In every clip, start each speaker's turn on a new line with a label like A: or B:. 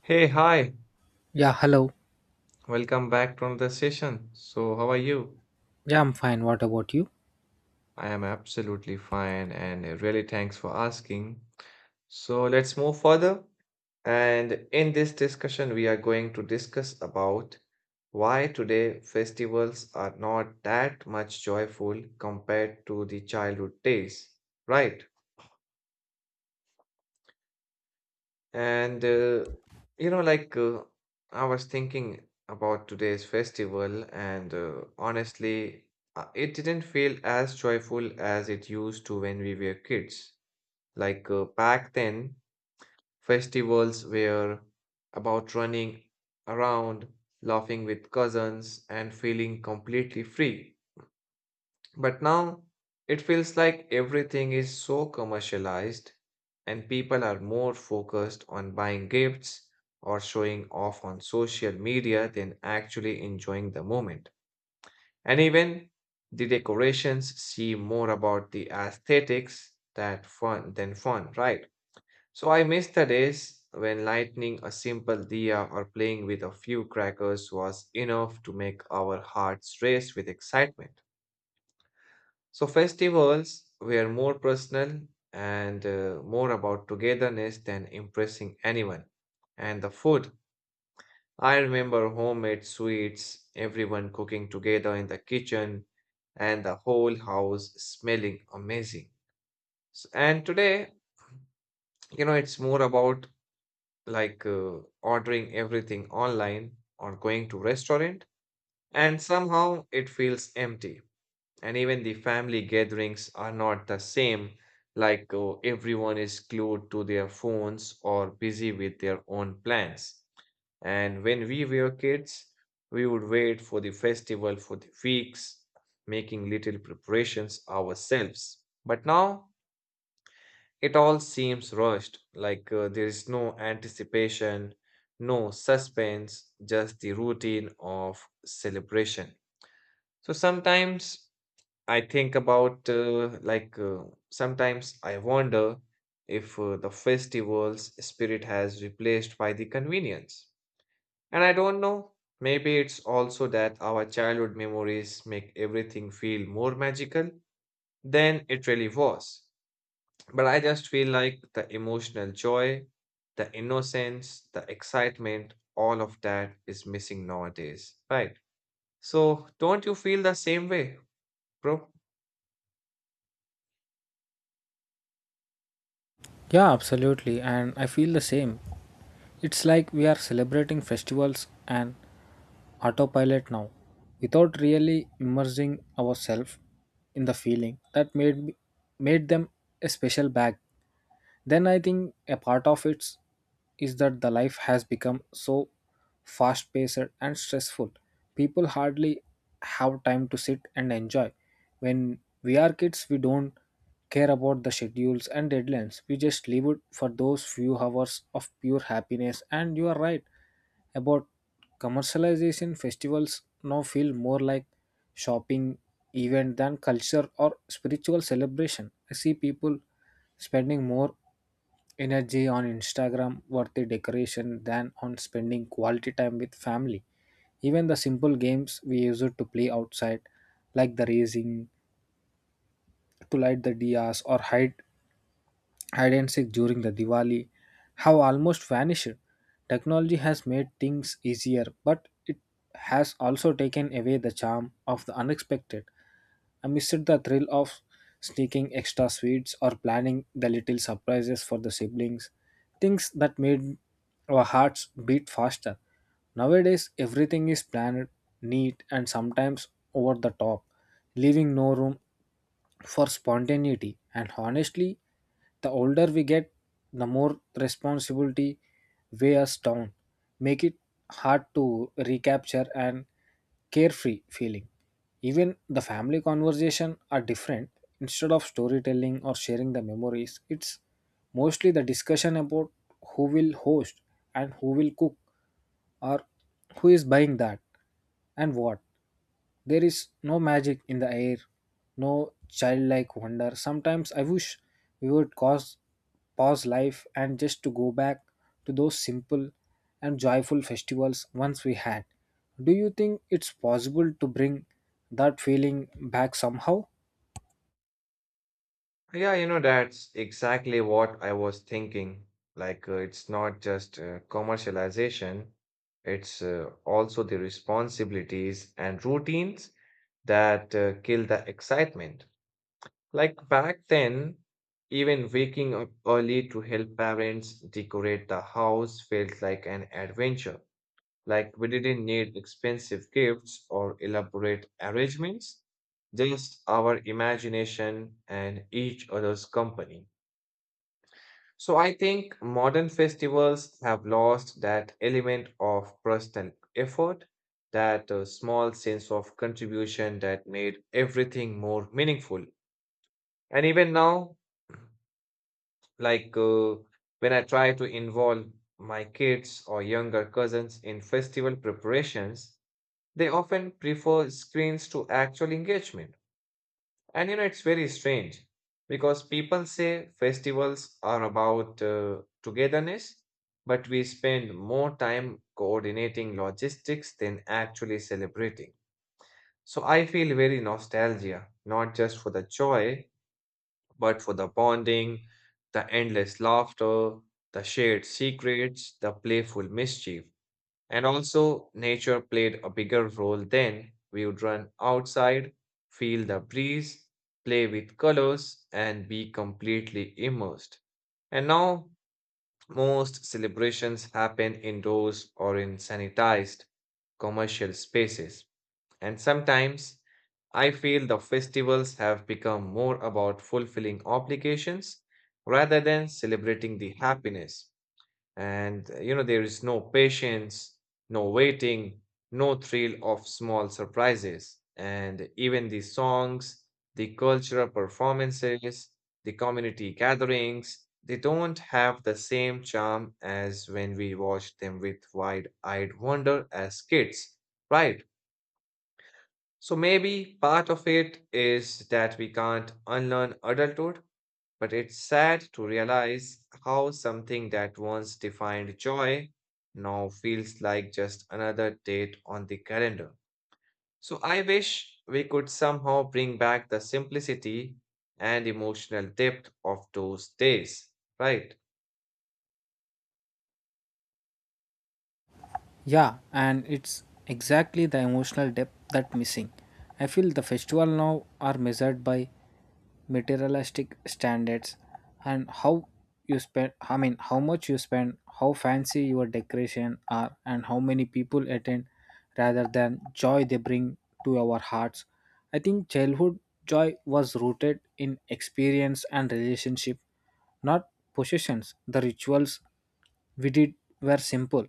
A: Hey, hi,
B: Yeah, hello.
A: welcome back to another session. So, how are you?
B: Yeah, I'm fine. What about you?
A: I am absolutely fine and really thanks for asking. So, let's move further. And in this discussion, we are going to discuss about why today festivals are not that much joyful compared to the childhood days, right? And you know, like I was thinking about today's festival, and honestly, it didn't feel as joyful as it used to when we were kids. Back then, festivals were about running around, laughing with cousins, and feeling completely free. But now it feels like everything is so commercialized and people are more focused on buying gifts or showing off on social media than actually enjoying the moment. And even the decorations seem more about the aesthetics that fun than fun, right? So I miss the days when lighting a simple diya or playing with a few crackers was enough to make our hearts race with excitement. So festivals were more personal and more about togetherness than impressing anyone. And the food, I remember homemade sweets, everyone cooking together in the kitchen, and the whole house smelling amazing. So, and today, you know, it's more about ordering everything online or going to restaurant, and somehow it feels empty. And even the family gatherings are not the same, everyone is glued to their phones or busy with their own plans. And when we were kids, we would wait for the festival for the weeks, making little preparations ourselves. But now it all seems rushed, there is no anticipation, no suspense, just the routine of celebration. So sometimes I think about like sometimes I wonder if the festival's spirit has replaced by the convenience. And I don't know, maybe it's also that our childhood memories make everything feel more magical than it really was. But I just feel like the emotional joy, the innocence, the excitement, all of that is missing nowadays, right? So don't you feel the same way, bro?
B: Yeah, absolutely. And I feel the same. It's like we are celebrating festivals and autopilot now without really immersing ourselves in the feeling that made them a special bag then. I think a part of it is that the life has become so fast paced and stressful. People hardly have time to sit and enjoy. When we are kids, we don't care about the schedules and deadlines. We just live it for those few hours of pure happiness. And you are right, about commercialization, festivals now feel more like shopping event than culture or spiritual celebration. I see people spending more energy on Instagram worthy decoration than on spending quality time with family. Even the simple games we used to play outside, like the racing, to light the dias or hide and seek during the Diwali have almost vanished. Technology has made things easier, but it has also taken away the charm of the unexpected. I missed the thrill of sneaking extra sweets or planning the little surprises for the siblings, things that made our hearts beat faster. Nowadays, everything is planned, neat, and sometimes over the top, leaving no room for spontaneity. And honestly, the older we get, the more responsibility weigh us down, make it hard to recapture an carefree feeling. Even the family conversation are different. Instead of storytelling or sharing the memories, it's mostly the discussion about who will host and who will cook or who is buying that and what. There is no magic in the air, no childlike wonder. Sometimes I wish we would pause life and just to go back to those simple and joyful festivals once we had. Do you think it's possible to bring that feeling back somehow?
A: Yeah, you know, that's exactly what I was thinking. It's not just commercialization, it's also the responsibilities and routines that kill the excitement. Like, back then, even waking up early to help parents decorate the house felt like an adventure. Like, we didn't need expensive gifts or elaborate arrangements, just our imagination and each other's company. So, I think modern festivals have lost that element of personal effort, that small sense of contribution that made everything more meaningful. And even now, like uh, when I try to involve my kids or younger cousins in festival preparations, they often prefer screens to actual engagement. And you know, it's very strange because people say festivals are about togetherness, but we spend more time coordinating logistics than actually celebrating. So I feel very nostalgia, not just for the joy, but for the bonding, the endless laughter, the shared secrets, the playful mischief. And also, nature played a bigger role then. We would run outside, feel the breeze, play with colors, and be completely immersed. And now, most celebrations happen indoors or in sanitized commercial spaces. And sometimes, I feel the festivals have become more about fulfilling obligations rather than celebrating the happiness. And you know, there is no patience, no waiting, no thrill of small surprises. And even the songs, the cultural performances, the community gatherings, they don't have the same charm as when we watched them with wide eyed wonder as kids, right? So maybe part of it is that we can't unlearn adulthood, but it's sad to realize how something that once defined joy now feels like just another date on the calendar. So I wish we could somehow bring back the simplicity and emotional depth of those days, right?
B: Yeah, and it's exactly the emotional depth that missing. I feel the festival now are measured by materialistic standards and how much you spend, how fancy your decoration are and how many people attend rather than joy they bring to our hearts. I think childhood joy was rooted in experience and relationship, not possessions. The rituals we did were simple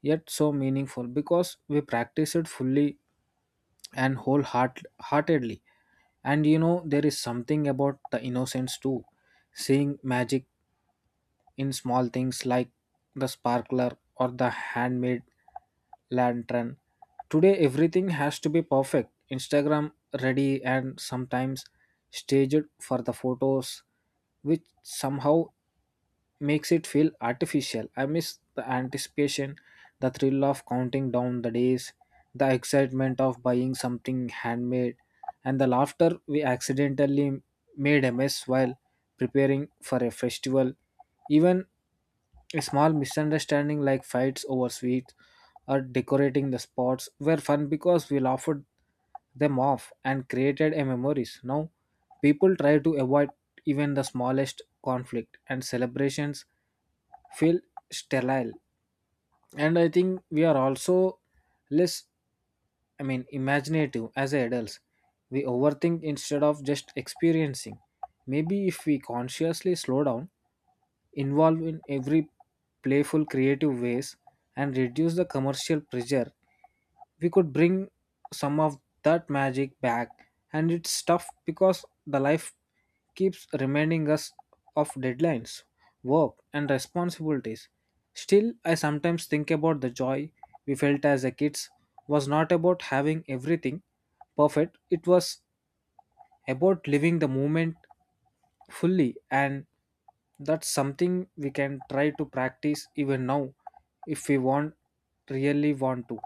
B: yet so meaningful because we practiced it fully and wholeheartedly. And you know there is something about the innocence too, seeing magic in small things like the sparkler or the handmade lantern. Today everything has to be perfect, Instagram ready, and sometimes staged for the photos, which somehow makes it feel artificial. I miss the anticipation, the thrill of counting down the days, the excitement of buying something handmade, and the laughter we accidentally made a mess while preparing for a festival. Even a small misunderstanding like fights over sweets or decorating the spots were fun because we laughed them off and created a memories. Now people try to avoid even the smallest conflict and celebrations feel sterile. And I think we are also less imaginative as adults. We overthink instead of just experiencing. Maybe if we consciously slow down, involve in every playful creative ways, and reduce the commercial pressure, we could bring some of that magic back. And it's tough because the life keeps reminding us of deadlines, work, and responsibilities. Still, I sometimes think about the joy we felt as a kids was not about having everything perfect, it was about living the moment fully, and that's something we can try to practice even now if we want really want to.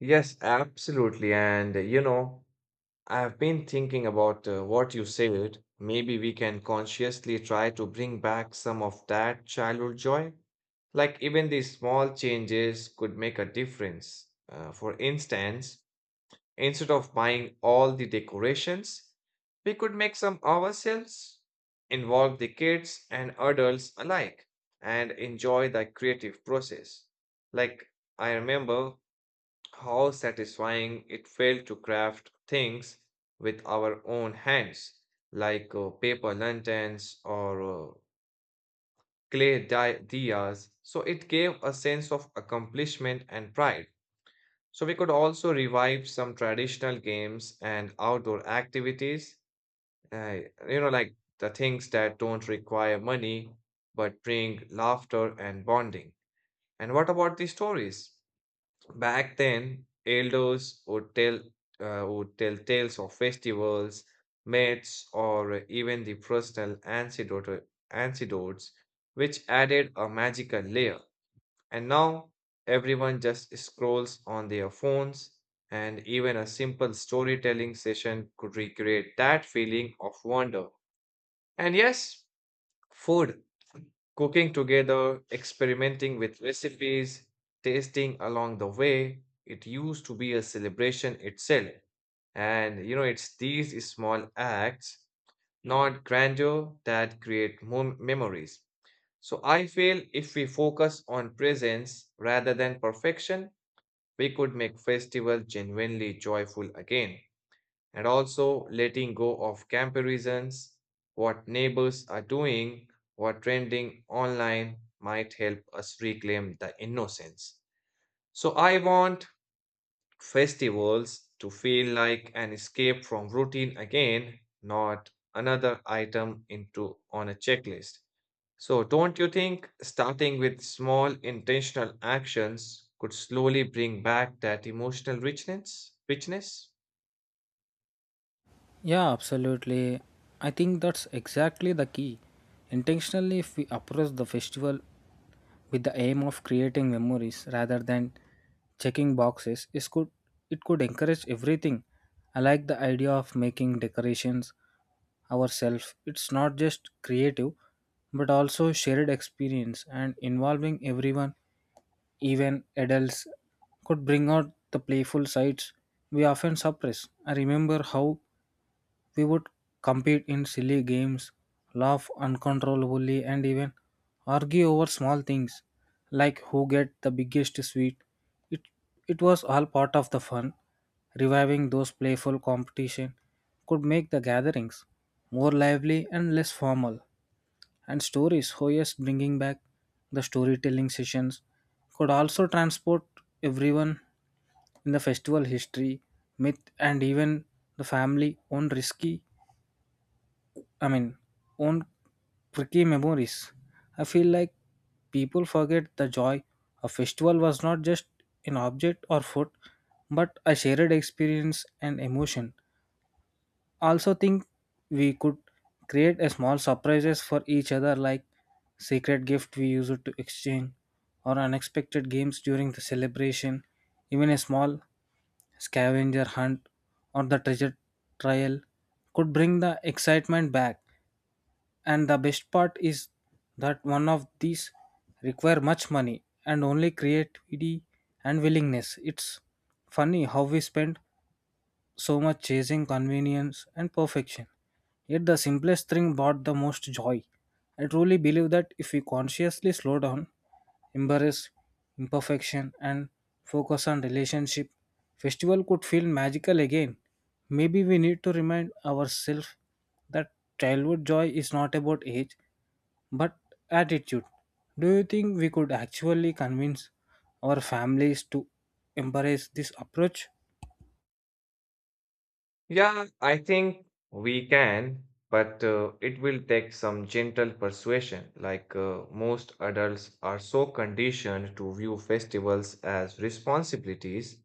A: Yes, absolutely. And you know, I've been thinking about what you said. Maybe we can consciously try to bring back some of that childhood joy. Like, even these small changes could make a difference. For instance, instead of buying all the decorations, we could make some ourselves, involve the kids and adults alike, and enjoy the creative process. Like, I remember how satisfying it felt to craft things with our own hands, like paper lanterns or diyas. So it gave a sense of accomplishment and pride. So we could also revive some traditional games and outdoor activities, uh, you know, like the things that don't require money but bring laughter and bonding. And what about the stories? Back then, elders would tell tales of festivals, myths, or even the antidotes, which added a magical layer. And now everyone just scrolls on their phones, and even a simple storytelling session could recreate that feeling of wonder. And yes, food. Cooking together, experimenting with recipes, tasting along the way, it used to be a celebration itself. And you know, it's these small acts, not grandeur, that memories. So I feel if we focus on presence rather than perfection, we could make festival genuinely joyful again and also letting go of comparisons. What neighbors are doing, what trending online might help us reclaim the innocence. So, I want festivals to feel like an escape from routine again, not another item into on a checklist. So, don't you think starting with small intentional actions could slowly bring back that emotional richness? Richness?
B: Yeah, absolutely. I think that's exactly the key. Intentionally, if we approach the festival with the aim of creating memories rather than checking boxes, it could encourage everything. I like the idea of making decorations ourselves. It's not just creative, but also shared experience, and involving everyone, even adults, could bring out the playful sides we often suppress. I remember how we would compete in silly games, laugh uncontrollably, and even argue over small things like who get the biggest sweet. It, it was all part of the fun. Reviving those playful competition could make the gatherings more lively and less formal. And stories, oh yes, bringing back the storytelling sessions could also transport everyone in the festival history, myth, and even the family on risky I mean, own tricky memories. I feel like people forget the joy a festival was not just an object or food, but a shared experience and emotion. Also, think we could create a small surprises for each other, like secret gift we use it to exchange, or unexpected games during the celebration. Even a small scavenger hunt or the treasure trial could bring the excitement back, and the best part is that one of these require much money and only creativity and willingness. It's funny how we spend so much chasing convenience and perfection. Yet the simplest thing brought the most joy. I truly believe that if we consciously slow down, embrace imperfection, and focus on relationship, festival could feel magical again. Maybe we need to remind ourselves that childhood joy is not about age but attitude. Do you think we could actually convince our families to embrace this approach?
A: Yeah, I think we can, but it will take some gentle persuasion. Most adults are so conditioned to view festivals as responsibilities,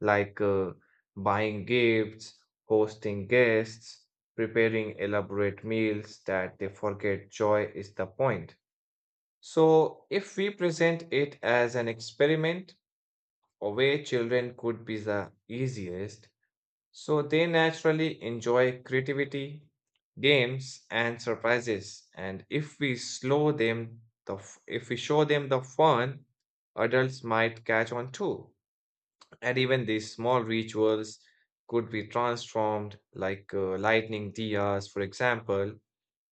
A: like buying gifts, hosting guests, preparing elaborate meals, that they forget joy is the point. So, if we present it as an experiment, a way children could be the easiest so they naturally enjoy creativity, games, and surprises. And if we slow them, if we show them the fun, adults might catch on too. And even these small rituals could be transformed, like lightning diyas, for example,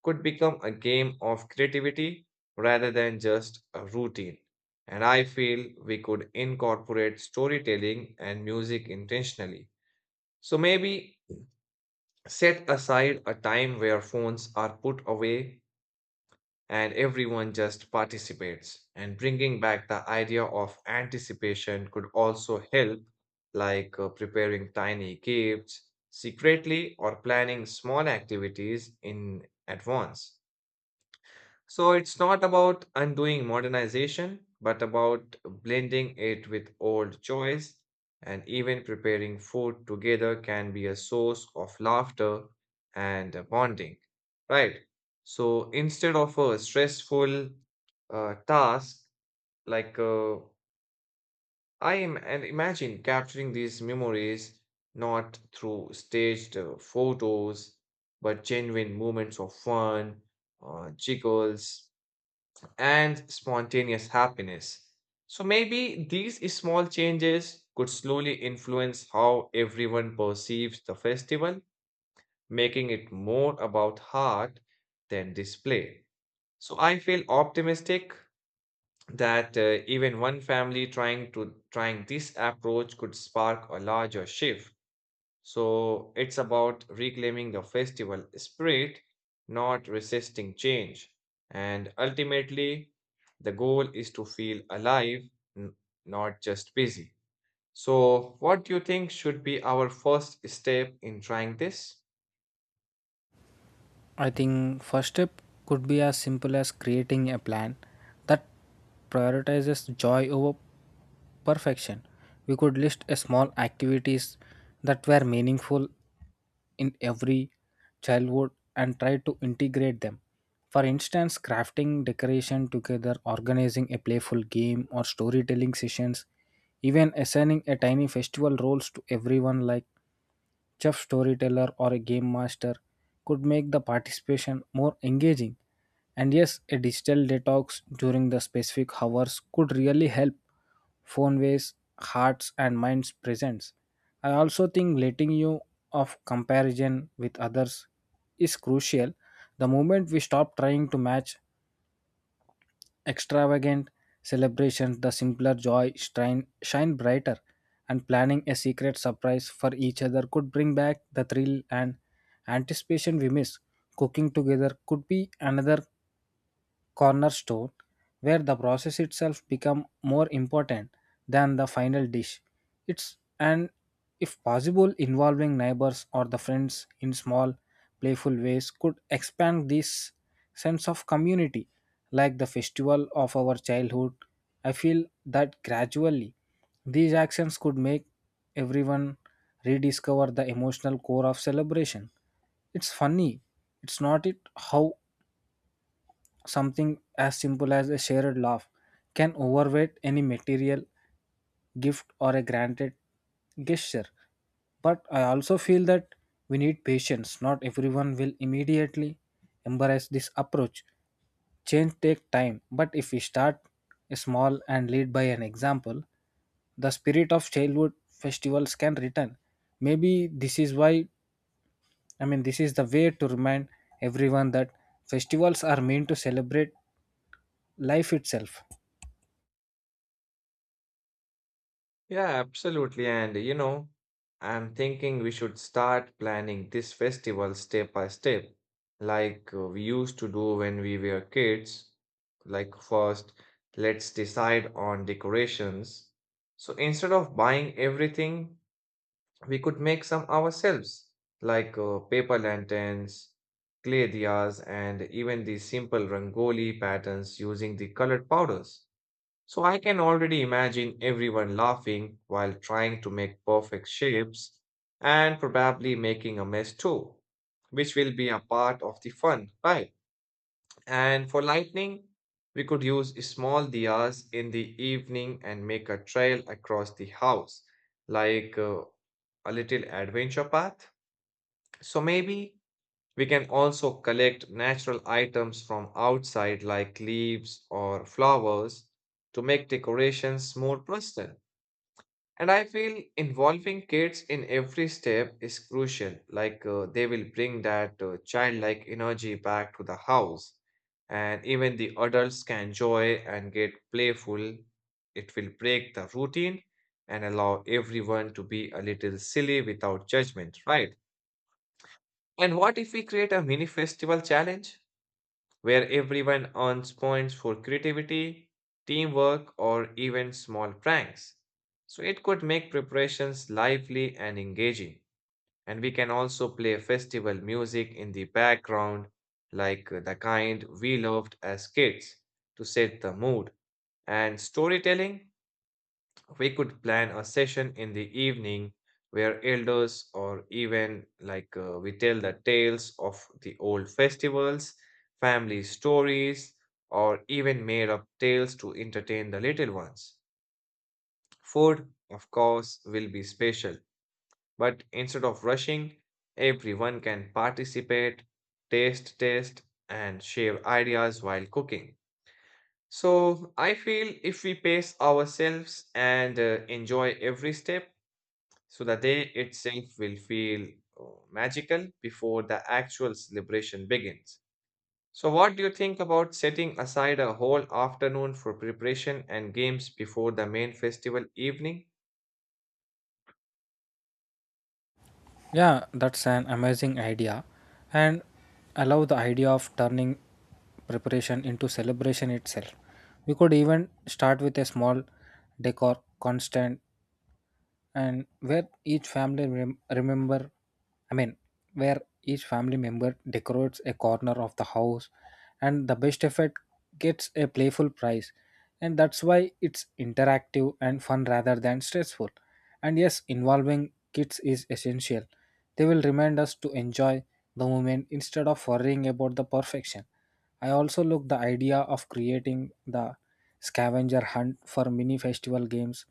A: could become a game of creativity rather than just a routine. And I feel we could incorporate storytelling and music intentionally. So maybe set aside a time where phones are put away and everyone just participates. And bringing back the idea of anticipation could also help, like preparing tiny gifts secretly or planning small activities in advance. So it's not about undoing modernization, but about blending it with old joys. And even preparing food together can be a source of laughter and bonding, right? So instead of a stressful task, like uh, I am, and imagine capturing these memories not through staged photos, but genuine moments of fun, jiggles and spontaneous happiness. So maybe these small changes could slowly influence how everyone perceives the festival, making it more about heart than display. So I feel optimistic that even one family trying this approach could spark a larger shift so it's about reclaiming the festival spirit, not resisting change. And ultimately, the goal is to feel alive, n- not just busy. So, what do you think should be our first step in trying this?
B: I think first step could be as simple as creating a plan that prioritizes joy over perfection. We could list a small activities that were meaningful in every childhood and try to integrate them. For instance, crafting decoration together, organizing a playful game or storytelling sessions, even assigning a tiny festival roles to everyone like chef, storyteller, or a game master could make the participation more engaging. And yes, a digital detox during the specific hours could really help phone ways, hearts, and minds presence. I also think letting you of comparison with others is crucial. The moment we stop trying to match extravagant celebrations, the simpler joy shine brighter, and planning a secret surprise for each other could bring back the thrill and anticipation we miss. Cooking together could be another cornerstone, where the process itself become more important than the final dish. It's, and if possible, involving neighbors or the friends in small playful ways could expand this sense of community like the festival of our childhood. I feel that gradually these actions could make everyone rediscover the emotional core of celebration. It's funny. It's not it how Something as simple as a shared laugh can overweight any material gift or a granted gesture. But I also feel that we need patience. Not everyone will immediately embrace this approach. Change take time, but if we start small and lead by an example, the spirit of childhood festivals can return. Maybe this is why I mean this is the way to remind everyone that festivals are meant to celebrate life itself.
A: Yeah, absolutely. And you know, I'm thinking we should start planning this festival step by step, like we used to do when we were kids. Like, first, let's decide on decorations. So instead of buying everything, we could make some ourselves, like paper lanterns, clay diyas, and even the simple rangoli patterns using the colored powders. So I can already imagine everyone laughing while trying to make perfect shapes and probably making a mess too, which will be a part of the fun, right? And for lightning, we could use small diyas in the evening and make a trail across the house, like a little adventure path. So maybe we can also collect natural items from outside, like leaves or flowers, to make decorations more personal. And I feel involving kids in every step is crucial, like they will bring that childlike energy back to the house. And even the adults can enjoy and get playful. It will break the routine and allow everyone to be a little silly without judgment, right? And what if we create a mini festival challenge, where everyone earns points for creativity, teamwork, or even small pranks. So it could make preparations lively and engaging. And we can also play festival music in the background, like the kind we loved as kids, to set the mood. And storytelling we could plan a session in the evening where elders or even like we tell the tales of the old festivals, family stories, or even made up tales to entertain the little ones. Food, of course, will be special, but instead of rushing, everyone can participate, taste, test, and share ideas while cooking. So I feel if we pace ourselves and enjoy every step, so the day itself will feel uh, magical before the actual celebration begins. So, what do you think about setting aside a whole afternoon for preparation and games before the main festival evening?
B: Yeah, that's an amazing idea. And I love the idea of turning preparation into celebration itself. We could even start with a small decor constant, and where each family rem- remember I mean where each family member decorates a corner of the house and the best effect gets a playful prize, and that's why it's interactive and fun rather than stressful. And yes, involving kids is essential. They will remind us to enjoy the moment instead of worrying about the perfection. I also look the idea of creating the scavenger hunt for mini festival games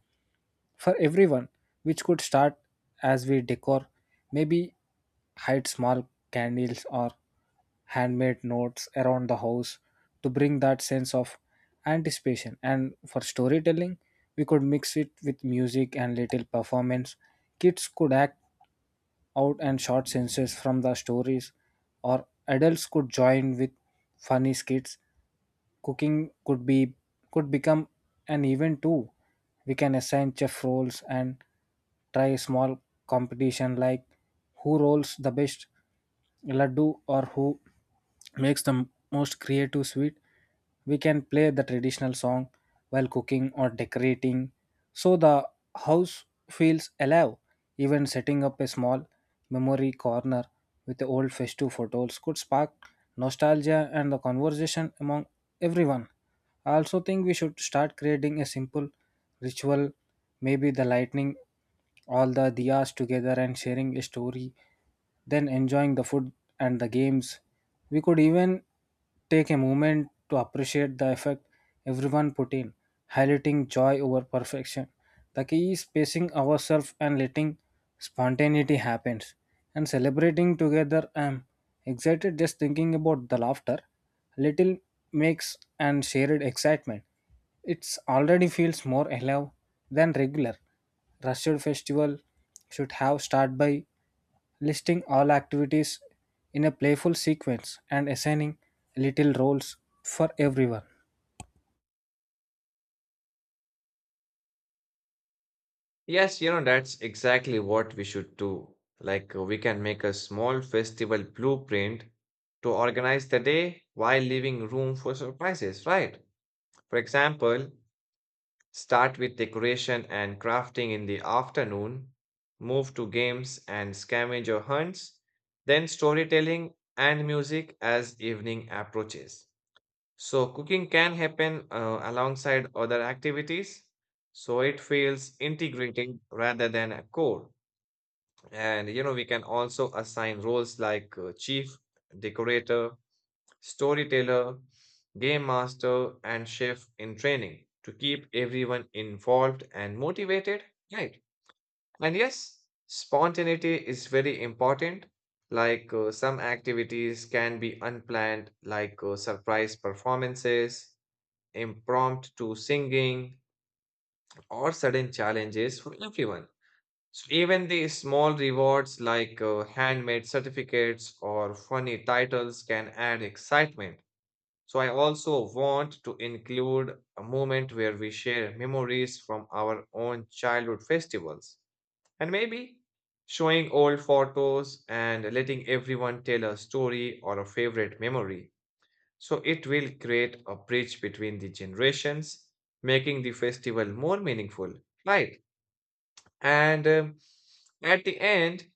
B: for everyone, which could start as we decor. Maybe hide small candles or handmade notes around the house to bring that sense of anticipation. And for storytelling, we could mix it with music and little performance. Kids could act out and short sentences from the stories, or adults could join with funny skits. Cooking could become an event too. We can assign chef roles and try a small competition like who rolls the best laddu or who makes the most creative sweet. We can play the traditional song while cooking or decorating so the house feels alive. Even setting up a small memory corner with the old festive photos could spark nostalgia and the conversation among everyone. I also think we should start creating a simple ritual, maybe the lightning all the diyas together and sharing a story, then enjoying the food and the games. We could even take a moment to appreciate the effect everyone put in, highlighting joy over perfection. The key is pacing ourselves and letting spontaneity happen, and celebrating together. I'm excited just thinking about the laughter, little makes and shared excitement. It's already feels more alive than regular. Rushed festival should have start by listing all activities in a playful sequence and assigning little roles for everyone.
A: Yes, you know, that's exactly what we should do. We can make a small festival blueprint to organize the day while leaving room for surprises, right? For example, start with decoration and crafting in the afternoon, move to games and scavenger hunts, then storytelling and music as evening approaches. So, cooking can happen alongside other activities, so it feels integrated rather than a core. And you know, we can also assign roles like chief, decorator, storyteller, game master, and chef in training to keep everyone involved and motivated, right? And yes, spontaneity is very important. Some activities can be unplanned, like surprise performances, impromptu singing, or sudden challenges for everyone. So even the small rewards like handmade certificates or funny titles can add excitement so I also want to include a moment where we share memories from our own childhood festivals and maybe showing old photos and letting everyone tell a story or a favorite memory. So it will create a bridge between the generations, making the festival more meaningful, right? And at the end,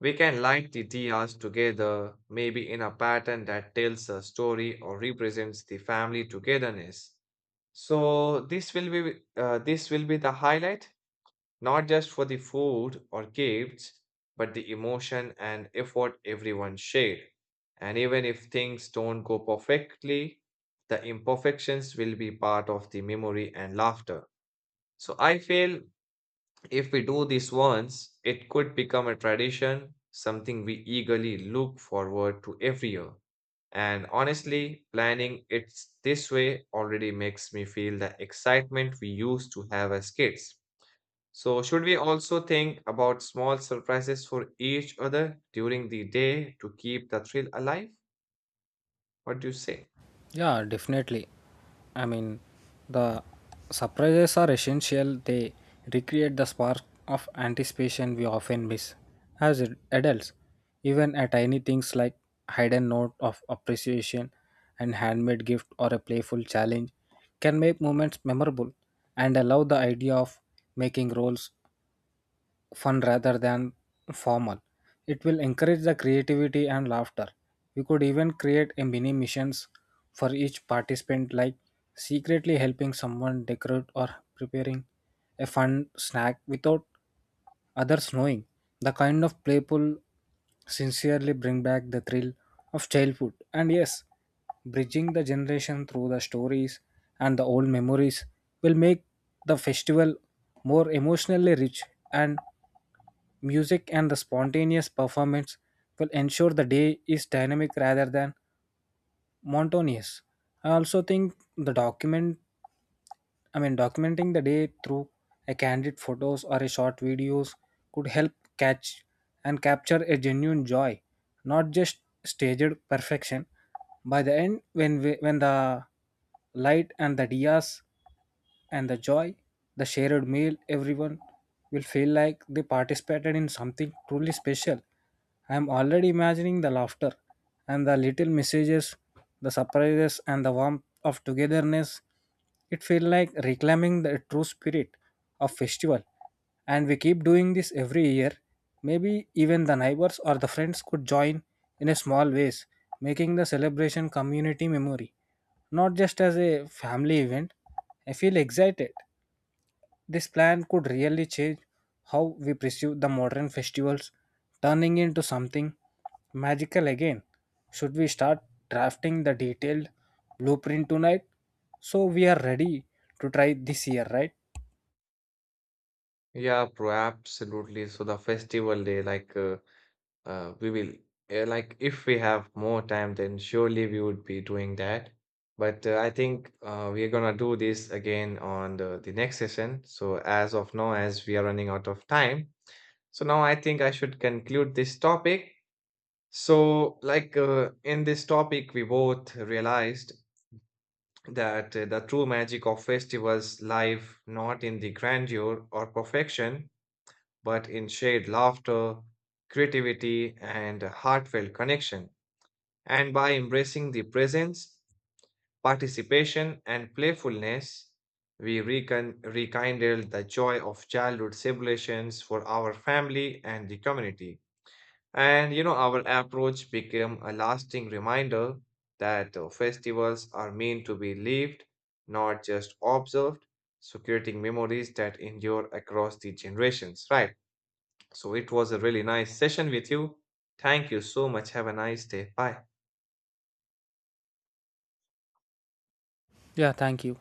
A: we can light the diyas together, maybe in a pattern that tells a story or represents the family togetherness. So this will be the highlight, not just for the food or gifts, but the emotion and effort everyone shared. And even if things don't go perfectly, the imperfections will be part of the memory and laughter. So I feel if we do this once, it could become a tradition, something we eagerly look forward to every year. And honestly, planning it this way already makes me feel the excitement we used to have as kids. So, should we also think about small surprises for each other during the day to keep the thrill alive? What do you say?
B: Yeah, definitely. I mean, the surprises are essential. They recreate the spark of anticipation we often miss as adults. Even at tiny things like hidden note of appreciation, and handmade gift, or a playful challenge can make moments memorable. And I love the idea of making rolls fun rather than formal. It will encourage the creativity and laughter. We could even create a mini missions for each participant like secretly helping someone decorate or preparing a fun snack without others knowing. The kind of playful sincerely bring back the thrill of childhood. And yes, bridging the generation through the stories and the old memories will make the festival more emotionally rich, and music and the spontaneous performance will ensure the day is dynamic rather than monotonous. I also think the document, I mean, documenting the day through a candid photos or a short videos could help catch and capture a genuine joy, not just staged perfection. By the end, when the light and the dias and the joy, the shared meal, everyone will feel like they participated in something truly special. I am already imagining the laughter and the little messages, the surprises, and the warmth of togetherness. It feels like reclaiming the true spirit of festival. And we keep doing this every year. Maybe even the neighbors or the friends could join in a small ways, making the celebration community memory, not just as a family event. I feel excited. This plan could really change how we perceive the modern festivals, turning into something magical again. Should we start drafting the detailed blueprint tonight? So we are ready to try this year, right?
A: Yeah, bro, absolutely. So, the festival day, Uh, we will, if we have more time, then surely we would be doing that. But I think we are gonna do this again on the next session. So, as of now, as we are running out of time, so now I think I should conclude this topic. So, in this topic, we both realized that the true magic of festivals lie not in the grandeur or perfection, but in shared laughter, creativity, and heartfelt connection. And by embracing the presence, participation, and playfulness, we rekindle the joy of childhood celebrations for our family and the community. And you know, our approach became a lasting reminder that festivals are meant to be lived, not just observed, so creating memories that endure across the generations, right? So it was a really nice session with you. Thank you so much. Have a nice day. Bye.
B: Yeah, thank you.